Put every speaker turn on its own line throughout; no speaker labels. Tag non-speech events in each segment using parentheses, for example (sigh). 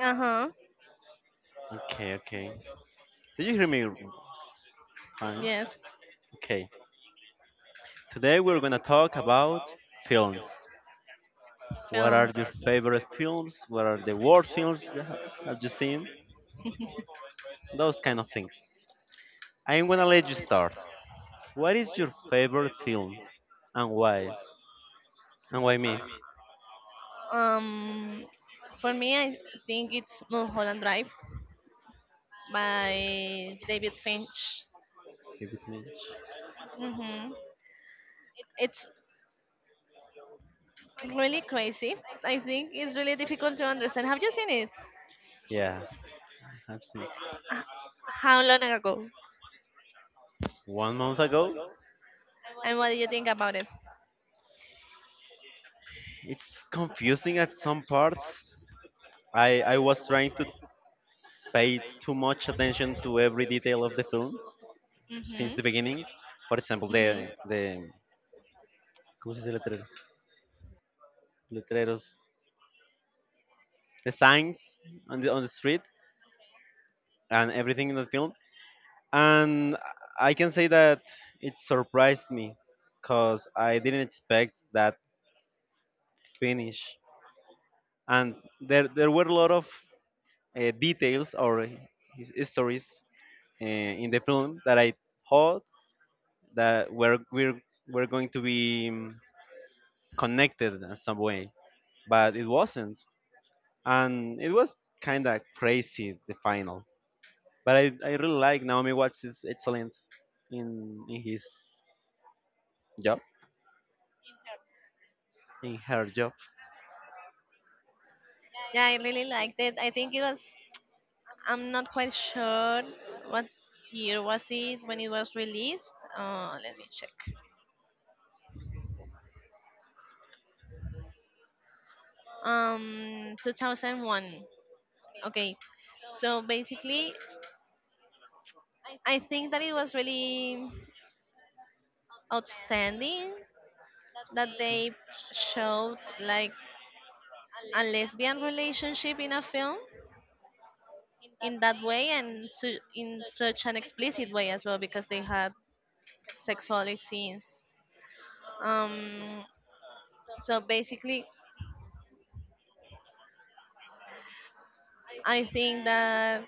Uh huh.
Okay, okay. Did you hear me fine?
Yes,
Okay. Today we're gonna talk about films. What are
films.
your favorite films? What are the worst films have you seen? Those kind of things. I'm gonna let you start. What is your favorite film and why? And why me?
Um, for me, I think it's Mulholland Drive by David Finch.
If it means.
Mm-hmm. It's really crazy. I think it's really difficult to understand. Have you seen it?
Yeah, I've seen
H- How long ago?
1 month ago,
And what do you think about it?
it's confusing at some parts. I was trying to pay too much attention to every detail of the film since
Mm-hmm.
the beginning. For example, the
Mm-hmm.
the ¿cómo se dice letreros? Letreros, the signs on the street and everything in the film. And I can say that it surprised me because I didn't expect that finish. And there were a lot of details or histories in the film that I thought that were going to be connected in some way, but it wasn't. And it was kind of crazy the final. But I really like Naomi Watts is excellent in his job, in her job.
Yeah, I really liked it. I think it was. I'm not quite sure what year was it when it was released. Let me check. 2001. Okay. So basically, I think that it was really outstanding that they showed like a lesbian relationship in a film in that way and in such an explicit way as well because they had sexual scenes. Um, so basically, I think that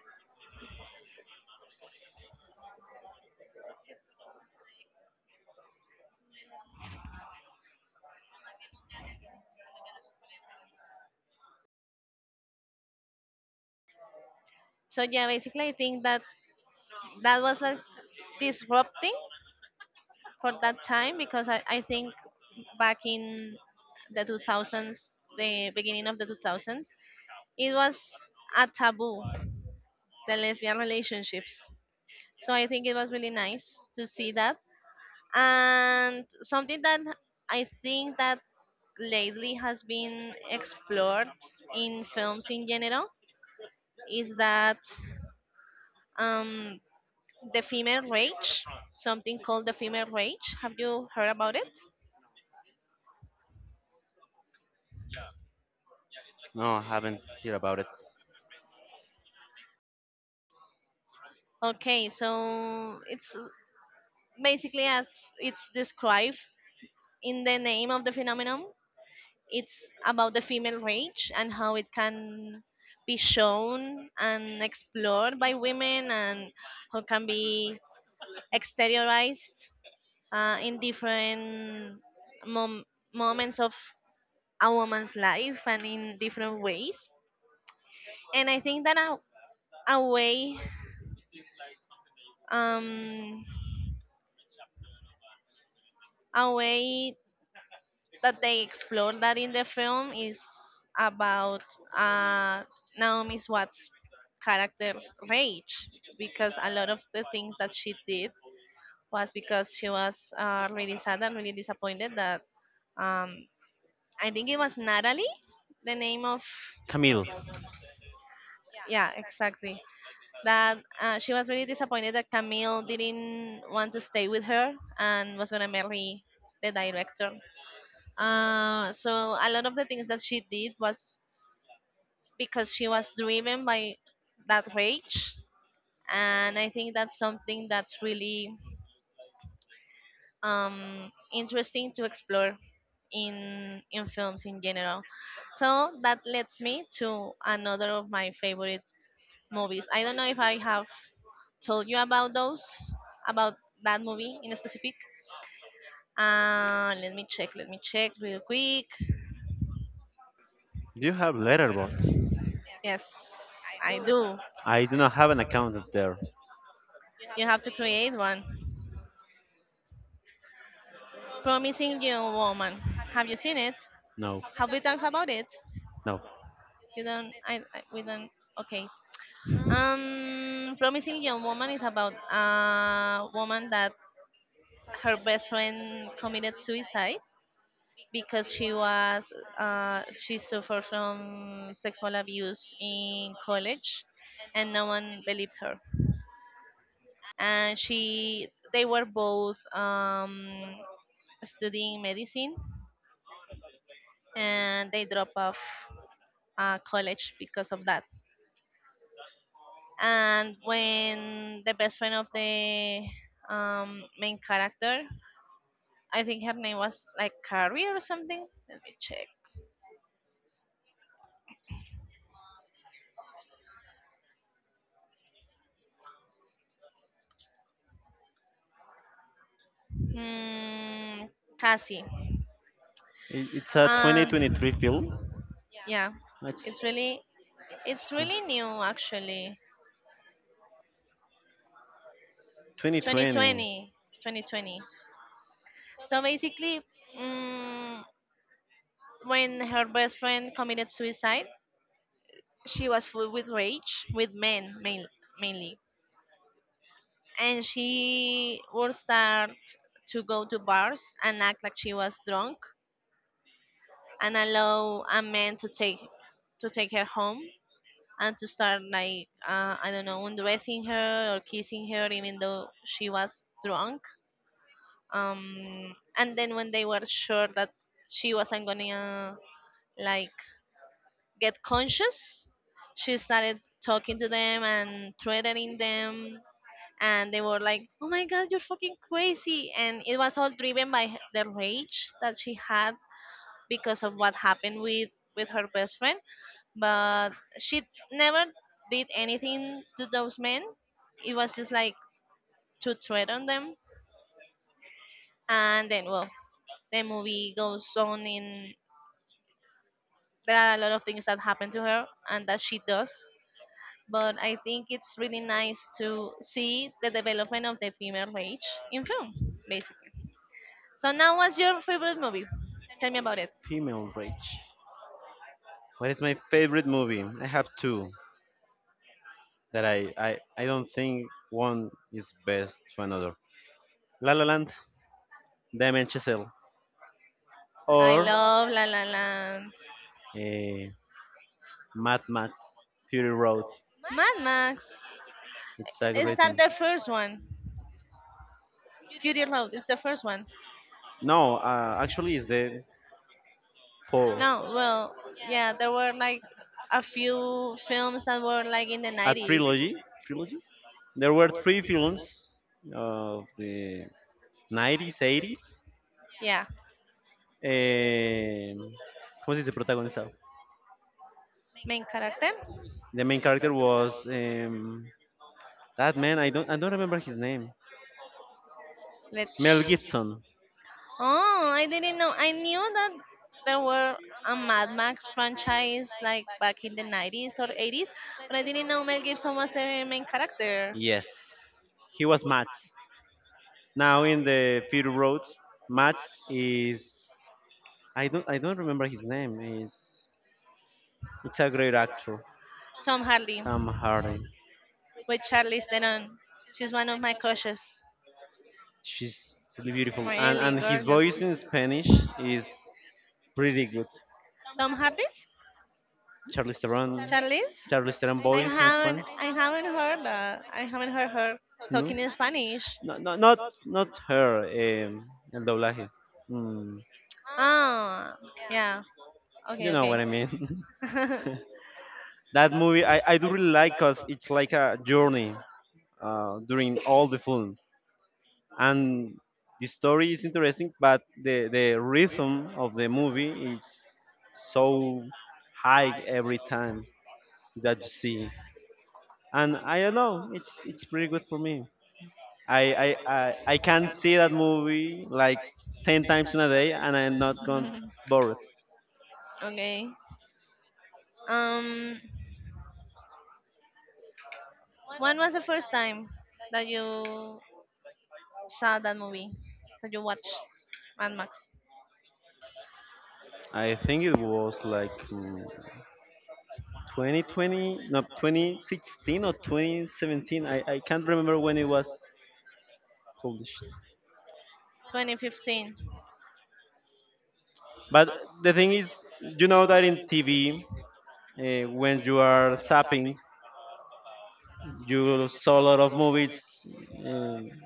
so yeah, basically I think that that was like disrupting for that time because I think back in the 2000s, the beginning of the 2000s, it was a taboo, the lesbian relationships. So I think it was really nice to see that. And something that I think that lately has been explored in films in general is that um, the female rage, something called the female rage. Have you heard about it?
No, I haven't heard about it.
Okay, so it's basically as it's described in the name of the phenomenon. It's about the female rage and how it can be shown and explored by women and how can be exteriorized in different mom- moments of a woman's life and in different ways. And I think that a way, um, a way that they explore that in the film is about uh, Naomi Watts' character rage because a lot of the things that she did was because she was really sad and really disappointed that um, I think it was Natalie, the name of
Camille,
yeah exactly that she was really disappointed that Camille didn't want to stay with her and was gonna marry the director. So a lot of the things that she did was because she was driven by that rage and I think that's something that's really interesting to explore in films in general, so that leads me to another of my favorite movies. I don't know if I have told you about those, about that movie in specific. Let me check, let me check real quick.
do you have Letterboxd?
Yes, I do.
I do not have an account of there.
You have to create one, Promising Young Woman. Have you seen it?
No,
Have we talked about it?
no.
You don't. I. We don't. Okay. Promising Young Woman is about a woman that her best friend committed suicide because she was she suffered from sexual abuse in college, and no one believed her. And she they were both studying medicine, and they dropped off college because of that. And when the best friend of the main character, I think her name was like Carrie or something, let me check. Hmm, Cassie.
It's a
uh,
2023 film.
yeah,
It's
it's really, it's really new actually,
2020
2020. 2020. So basically, mm, when her best friend committed suicide, she was full with rage with men mainly, and she would start to go to bars and act like she was drunk and allow a man to take her home and to start like I don't know, undressing her or kissing her even though she was drunk. And then when they were sure that she wasn't gonna like get conscious, she started talking to them and threatening them, and they were like, "Oh my God, you're fucking crazy!" And it was all driven by the rage that she had because of what happened with her best friend. But she never did anything to those men. It was just like to threaten them, and then well, the movie goes on in. There are a lot of things that happen to her and that she does. But I think it's really nice to see the development of the female rage in film, basically. So now, what's your favorite movie? Tell me about it.
female rage. What is my favorite movie? I have two that I don't think one is best to another. La La Land, Damien Chazelle,
I
or
love La La Land.
uh, Mad Max Fury Road.
Mad Max.
It's a
Is
great
that
movie.
the first one? Fury Road is the first one.
No, actually, it's the four.
No, well, yeah, there were like a few films that were like in the
A
90s.
trilogy. Trilogy. There were three films of the 90s, 80s.
Yeah.
Eh, ¿cómo se dice protagonizado?
Main character?
The main character was that man. I don't remember his name.
Let's.
Mel Gibson.
Oh, I didn't know. I knew that there were a Mad Max franchise like back in the 90s or 80s, but I didn't know Mel Gibson was the main character.
Yes, he was Mats. Now in the Fury Road, Mats is I don't remember his name. Is it's a great actor.
Tom Hardy.
Tom Hardy.
With Charlize Theron. She's one of my crushes.
She's really beautiful, and
Really
his
gorgeous.
voice in Spanish is pretty good.
Tom Hardy's?
Charlize Theron,
Charlize?
Charlize Theron
I
voice in
haven't
Spanish?
I haven't heard that. I haven't heard her
No,
talking in Spanish.
no, no, not her. El doblaje. Okay,
Ah, yeah.
you okay.
Okay,
Know okay. What I mean.
okay.
(laughs) That movie I do really like cause it's like a journey during all the film, and the story is interesting, but the rhythm of the movie is so high every time that you see. And I don't know, it's pretty good for me. I can see that movie like ten
(laughs)
times in a day, and I'm not gonna bored.
(laughs) Okay. Um, when was the first time that you saw that movie, that you watched? Mad Max.
I think it was like 2020, no, 2016 or 2017. I can't remember when it was published.
2015.
But the thing is, you know that in TV, when you are zapping, you saw a lot of movies. Uh,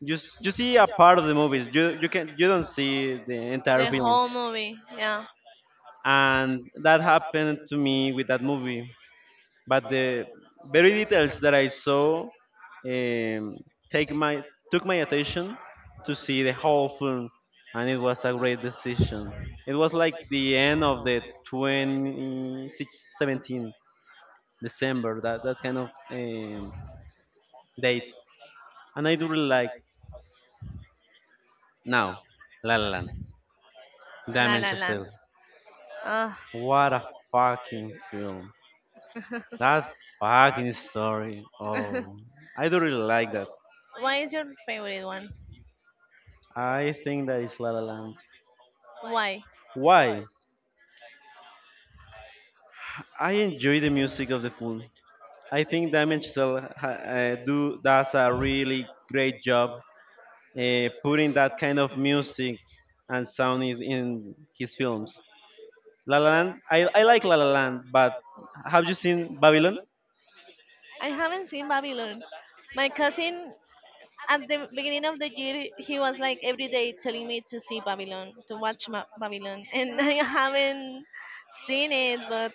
you see a part of the movies. You don't see the entire
The
film,
whole movie. Yeah.
and that happened to me with that movie. But the very details that I saw um, take my took my attention to see the whole film, and it was a great decision. It was like the end of the 2017 December, that kind of date, and I do really like now La La Land,
La
Damien
La Land.
Chazelle.
Ah,
What a fucking film!
(laughs)
That fucking story. Oh, I don't really like that.
why is your favorite one?
I think that is La La Land.
Why?
Why? I enjoy the music of the film. I think Damien Chazelle do does a really great job putting that kind of music and sound in his films. La La Land. I like La La Land, but have you seen Babylon?
I haven't seen Babylon. My cousin at the beginning of the year, he was like every day telling me to see Babylon, to watch Babylon. (laughs) And I haven't seen it, but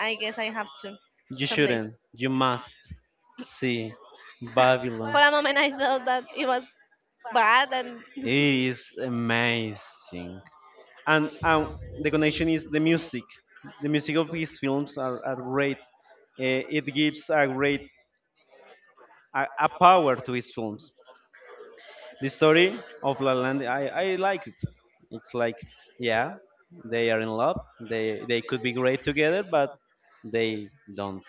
I guess I have to
You
someday.
shouldn't. You must see Babylon.
For a moment I thought that it was bad and
It
(laughs)
is amazing. And the connection is the music. The music of his films are great. Eh, it gives a great a power to his films. The story of La La Land, I like it. It's like, yeah, they are in love. They could be great together, but they don't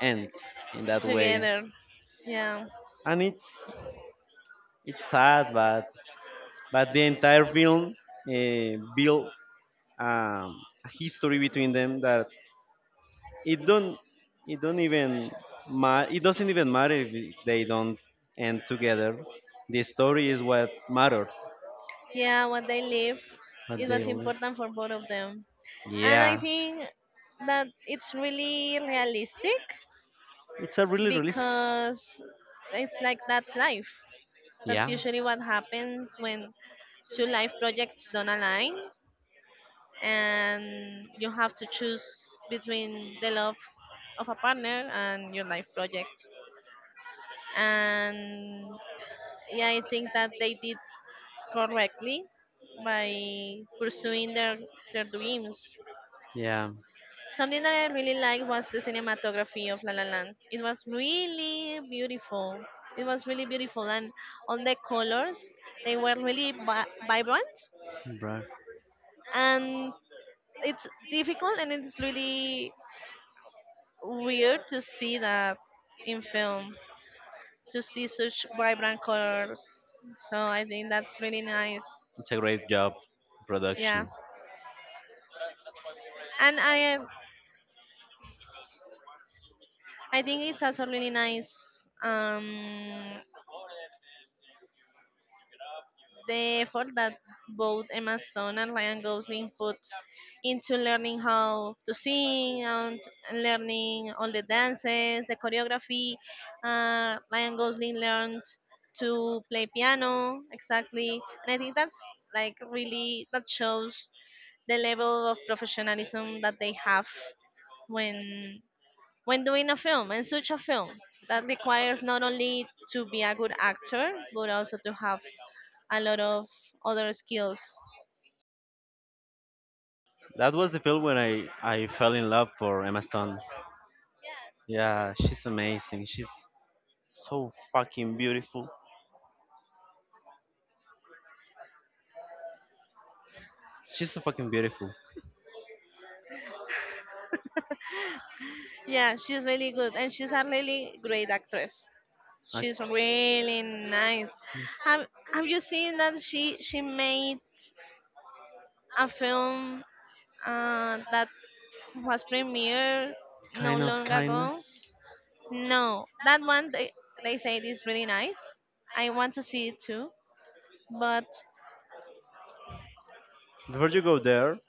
end in that way.
together. Yeah,
And it's sad, but the entire film uh, built a history between them that it don't even it doesn't even matter if they don't end together. The story is what matters.
yeah, what they lived
But
it
they
was
live.
important for both of them, and I
Yeah,
think that it's really realistic
it's a really realistic.
because it's like that's life. That's
Yeah.
usually what happens when two life projects don't align and you have to choose between the love of a partner and your life project. And yeah, I think that they did correctly by pursuing their dreams.
Yeah.
Something that I really liked was the cinematography of La La Land. It was really beautiful. It was really beautiful, and all the colors, they were really vibrant,
Right.
and it's difficult and it's really weird to see that in film, to see such vibrant colors, so I think that's really nice.
It's a great job
Yeah,
production.
and I think it's also really nice. um The effort that both Emma Stone and Ryan Gosling put into learning how to sing and learning all the dances, the choreography. Ryan Gosling learned to play piano exactly, and I think that's like really, that shows the level of professionalism that they have when when doing a film, and such a film that requires not only to be a good actor but also to have a lot of other skills.
That was the film when I fell in love for Emma Stone. Yeah, she's amazing. She's so fucking beautiful. She's so fucking beautiful.
Yeah, she's really good and she's a really great actress. She's
Actress.
really nice. Have Have you seen that she
Yes.
she made a film that was premiered no
Kind of
long ago?
kindness.
No, that one, they say it is really nice. I want to see it too, but
Before you go there,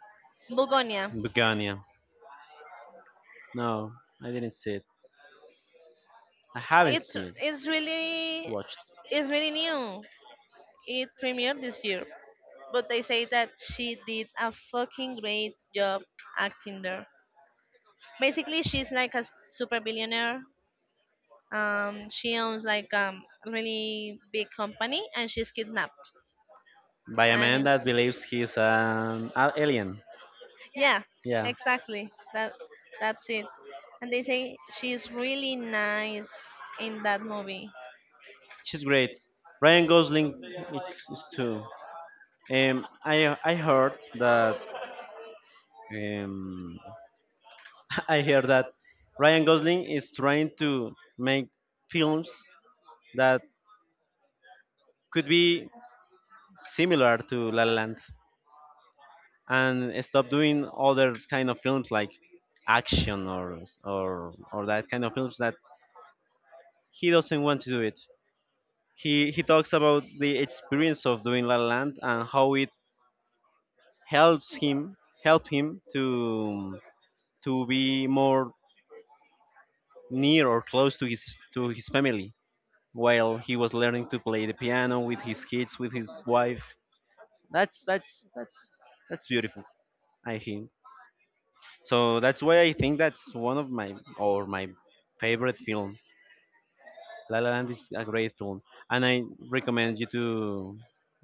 Bugonia,
Begonia. No, I didn't see it. I haven't
it's
seen it.
really,
Watched
it's really new. It premiered this year, but they say that she did a fucking great job acting there. Basically, she's like a super billionaire. She owns like a really big company, and she's kidnapped.
by a
And
man
it's,
that believes he's an alien.
yeah,
Yeah,
exactly. That's it. And they say she's really nice in that movie.
she's great. Ryan Gosling, it's too. I heard that. Um, (laughs) I heard that Ryan Gosling is trying to make films that could be similar to La La Land and stop doing other kind of films like action or that kind of films that he doesn't want to do it. He talks about the experience of doing La La Land and how it helps him help him to be more near or close to his family while he was learning to play the piano with his kids with his wife. That's that's that's that's beautiful. I think. So that's why I think that's one of my or my favorite film. La La Land is a great film, and I recommend you to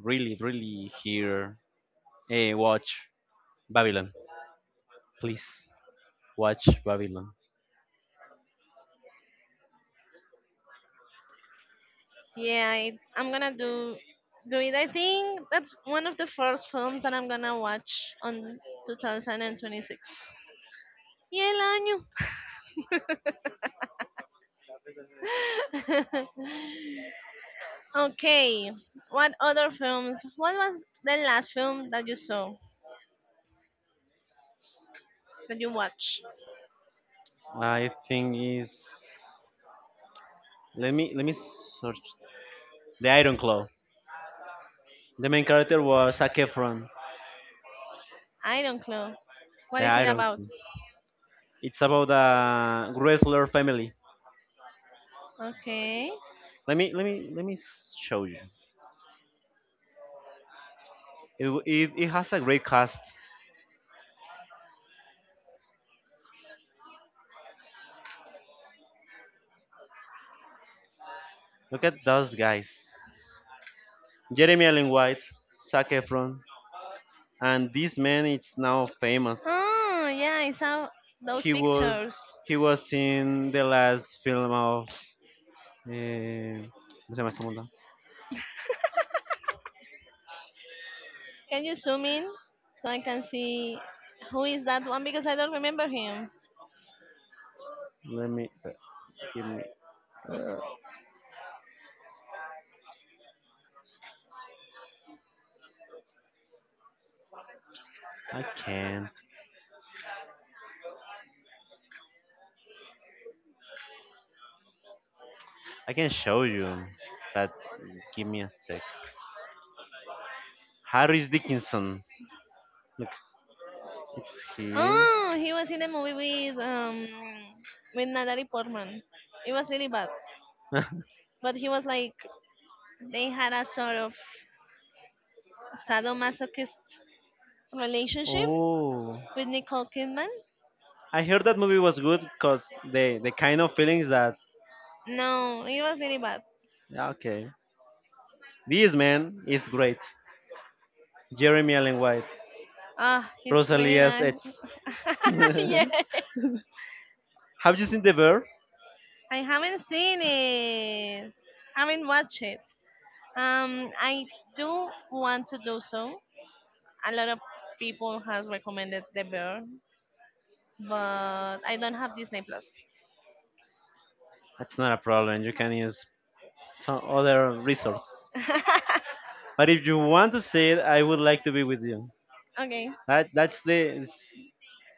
really, really hear eh, watch Babylon. Please watch Babylon.
Yeah, I'm gonna do it. I think that's one of the first films that I'm gonna watch on 2026. Y el año. (laughs) Okay, what other films? What was the last film that you saw, that you watched?
I think is let me search the Iron Claw. The main character was Zac Efron,
I don't know. What
the
is it
Iron
about?
Claw. It's about a wrestler family.
Okay.
Let me show you. It has a great cast. Look at those guys. Jeremy Allen White, Zac Efron, and this man is now famous.
Oh, yeah, I saw those
He was
pictures.
he was in the last film of eh, ¿cómo se llama esta banda?
Can you zoom in so I can see who is that one? Because I don't remember him.
Let me give me uh, I can't I can show you but give me a sec. Harris Dickinson. Look, it's him.
Oh, he was in a movie with Natalie Portman. It was really bad,
(laughs)
but he was like they had a sort of sadomasochist relationship
Oh.
with Nicole Kidman.
I heard that movie was good because the kind of feelings that
No, it was really bad.
yeah, okay, this man is great. Jeremy Allen White,
Ah, it's really
Rosalia's
nice.
ex.
(laughs) Yeah,
(laughs) Have you seen The Bear?
I haven't seen it. Haven't watched it. I do want to do so. A lot of people has recommended The Bear, but I don't have Disney Plus.
That's not a problem. You can use some other resources.
(laughs)
But if you want to see it, I would like to be with you.
Okay.
That that's the it's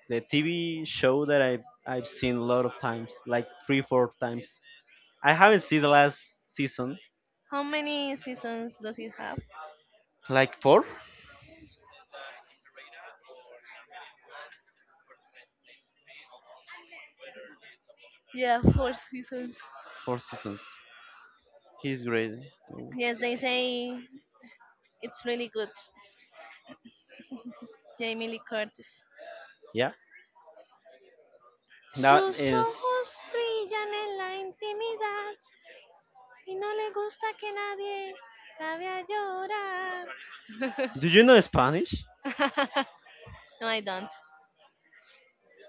the TV show that I've seen a lot of times, like three, four times. I haven't seen the last season,
How many seasons does it have?
like four,
Yeah, four seasons.
four seasons. He's great.
Yes, they say it's really good. Jamie Lee Curtis.
Yeah. That
Sus
is.
ojos brillan en la intimidad y no le gusta que nadie la vea
Do you know Spanish?
llorar. (laughs) No, I don't.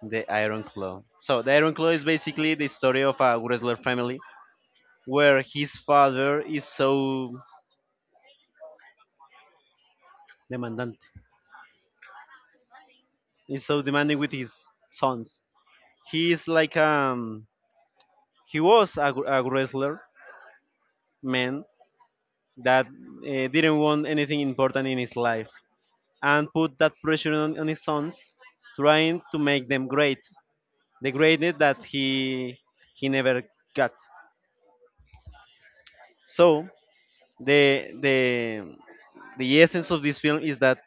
The Iron Claw. So the Iron Claw is basically the story of a wrestler family where his father is so demandante, is so demanding with his sons. He is like he was a, a wrestler man that didn't want anything important in his life and put that pressure on his sons, trying to make them great, the greatness that he never got. So the the the essence of this film is that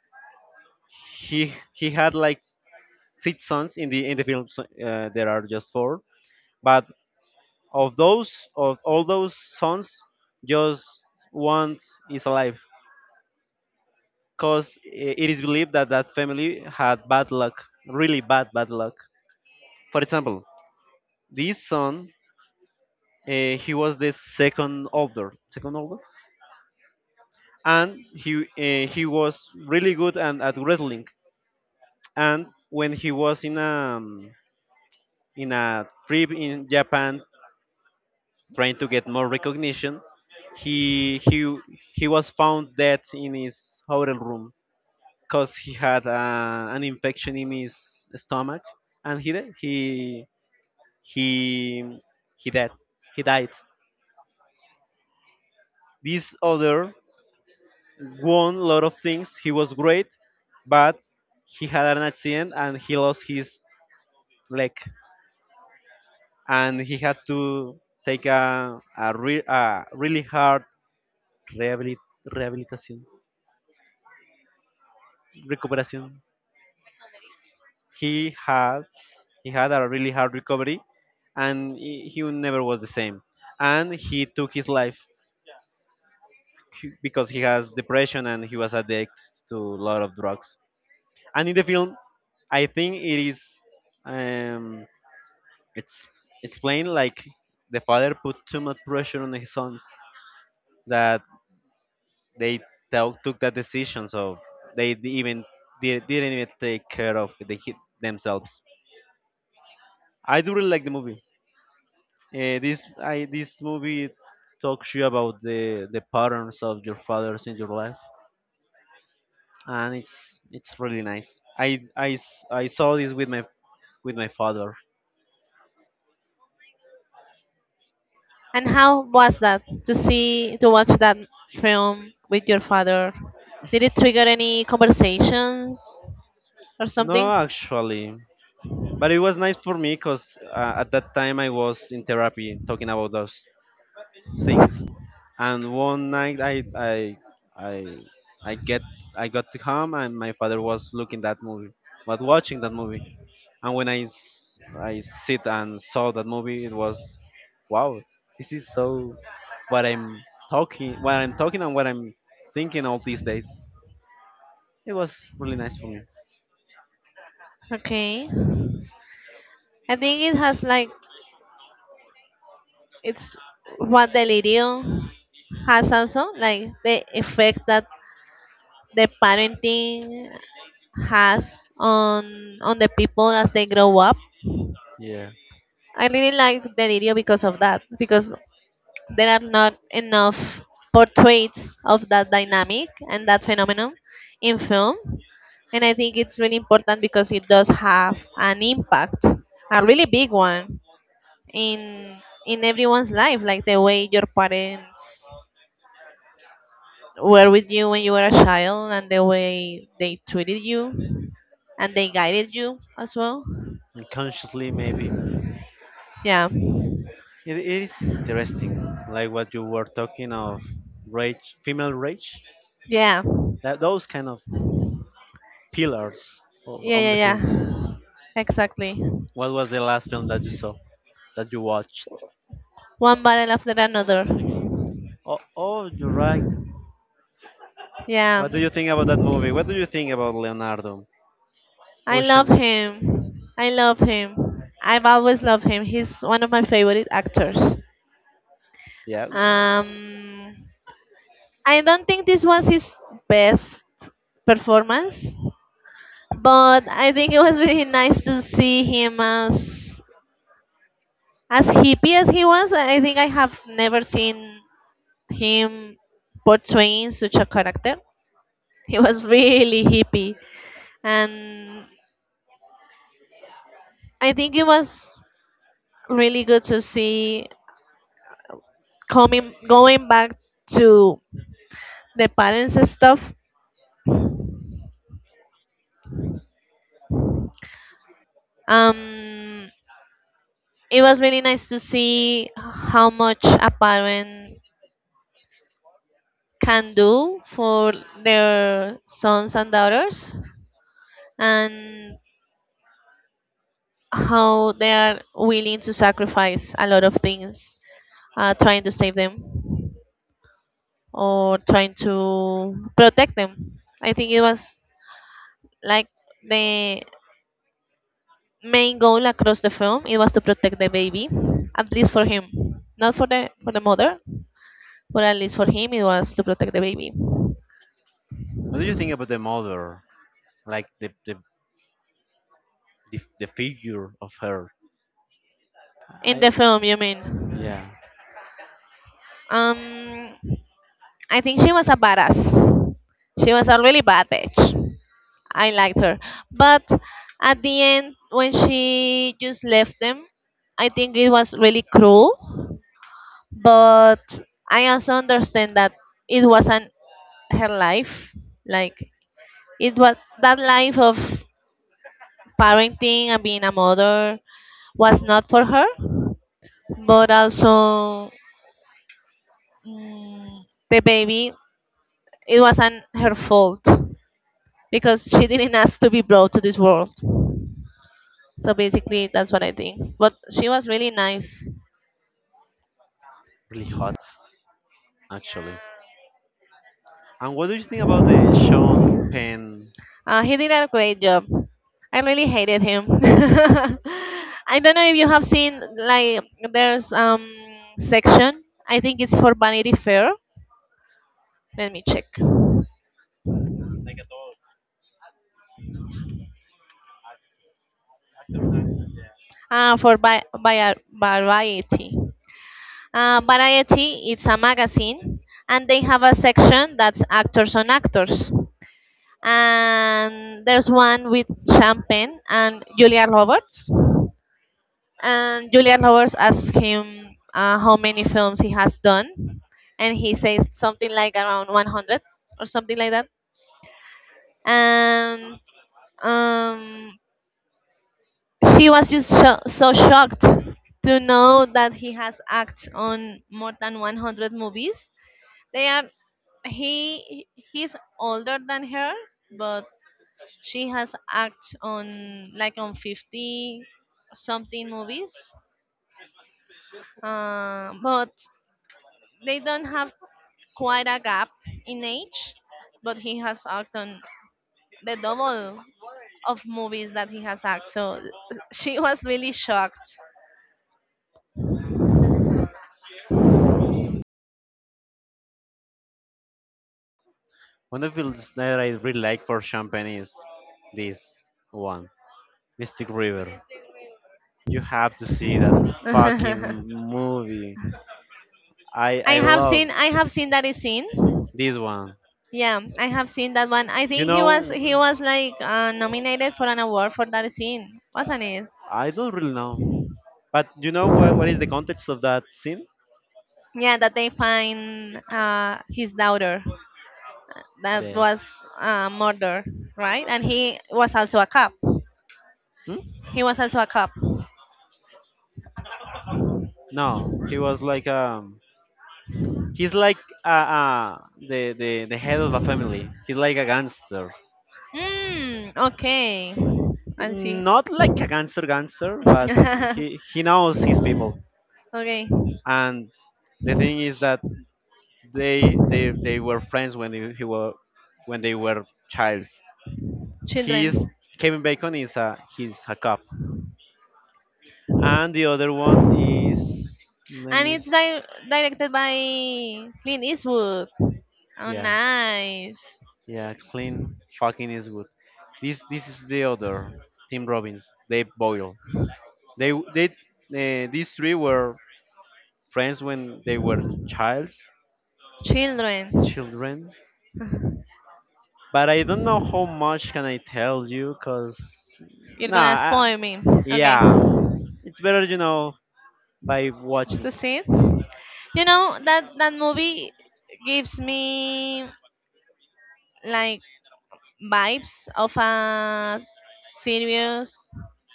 he had like six sons in the film. So, there are just four, but of those, of all those sons, just one is alive, because it is believed that that family had bad luck, really bad luck. For example, this son, he was the second older, and he was really good and at wrestling. And when he was in a trip in Japan trying to get more recognition, he he he was found dead in his hotel room because he had an infection in his stomach, and he he died. He died. This other won a lot of things. He was great, but he had an accident and he lost his leg, and he had to take a really hard rehabilit- rehabilitation recuperation. he had he had a really hard recovery and he never was the same and he took his life because he has depression and he was addicted to a lot of drugs. And in the film I think it is um it's it's plain like the father put too much pressure on his sons that they took took that decision so they even they didn't even take care of the kid themselves. I do really like the movie. This I this movie talks you about the patterns of your fathers in your life, and it's really nice. I saw this with my father.
And how was that to see, to watch that film with your father? Did it trigger any conversations or something?
No, actually, but it was nice for me because at that time I was in therapy talking about those things, and one night I I get I got to home and my father was looking that movie, was watching that movie. And when I sit and saw that movie, it was wow. This is so what I'm what I'm talking, and what I'm thinking all these days. It was really nice for me.
Okay. I think it has like it's what Delirio has also like the effect that the parenting has on the people as they grow up.
Yeah,
I really like Delirio because of that, because there are not enough portraits of that dynamic and that phenomenon in film. And I think it's really important because it does have an impact, a really big one, in in everyone's life, like the way your parents were with you when you were a child and the way they treated you and they guided you as well.
unconsciously maybe.
Yeah.
It is interesting, like what you were talking of rage, female rage,
Yeah.
that those kind of pillars of,
Yeah,
on
yeah,
the films.
yeah. Exactly.
What was the last film that you saw, that you watched?
One Battle After Another.
Oh, oh, you're right.
Yeah.
What do you think about that movie? What do you think about Leonardo?
I
Ocean
love
waves.
him. I love him. I've always loved him. He's one of my favorite actors.
Yeah. What
Um, I don't think this was his best performance, but I think it was really nice to see him as hippie as he was. I think I have never seen him portraying such a character. He was really hippie, and I think it was really good to see coming going back to the parents and stuff. um it was really nice to see how much a parent can do for their sons and daughters and how they are willing to sacrifice a lot of things trying to save them or trying to protect them. I think it was like the main goal across the film, it was to protect the baby, at least for him, not for the for the mother, but at least for him it was to protect the baby.
do you think about the mother? Like the figure of her.
In the
I
film, you mean?
yeah,
Um, I think she was a badass. She was a really bad bitch. I liked her, but at the end when she just left them, I think it was really cruel. But I also understand that it wasn't her life. Like it was that life of parenting and being a mother was not for her, but also mm, the baby, it wasn't her fault because she didn't ask to be brought to this world. So basically, that's what I think. But she was really nice.
really hot actually. And what do you think about the Sean Penn?
He did a great job. I really hated him. (laughs) I don't know if you have seen like there's section. I think it's for Vanity Fair. Let me check. By Variety. Variety, it's a magazine, and they have a section that's Actors on Actors. And there's one with Champagne and Julia Roberts. And Julia Roberts asks him how many films he has done, and he says something like around 100 or something like that. And um, she was just so shocked to know that he has acted on more than 100 movies. They are He's older than her, but she has acted on like on 50 something movies. But they don't have quite a gap in age, but he has acted on the double of movies that he has acted. So she was really shocked.
One of the films that I really like for Sean Penn is this one, Mystic River. You have to see that fucking
(laughs)
movie.
I
I
have
love
seen I have seen that scene.
this one.
Yeah, I have seen that one. I
You
think
know,
he was like nominated for an award for that scene, wasn't it?
I don't really know. But you know what is the context of that scene?
Yeah, that they find his daughter that
The
was murdered, right? And he was also a cop.
hmm?
He was also a cop.
No, he was like he's like the, the head of a family. He's like a gangster.
Hmm. Okay. I see.
Not like a gangster, but (laughs)
(laughs)
he knows his people.
Okay,
And the thing is that they they were friends when he were when they were childs. He
children.
is Kevin Bacon is a he's a cop, and the other one is let
And
me
it's directed by Clint Eastwood. Oh,
yeah
nice.
yeah clean fucking is good. This is the other Tim Robbins. They Boyle. They these three were friends when they were childs
Children,
children. But I don't know how much can I tell you, cause
you're gonna
nah, I,
spoil me. Okay.
yeah it's better, you know, by watching.
To see it. You know that that movie gives me like vibes of a series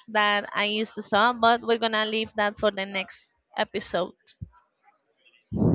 that I used to saw, but we're gonna leave that for the next episode.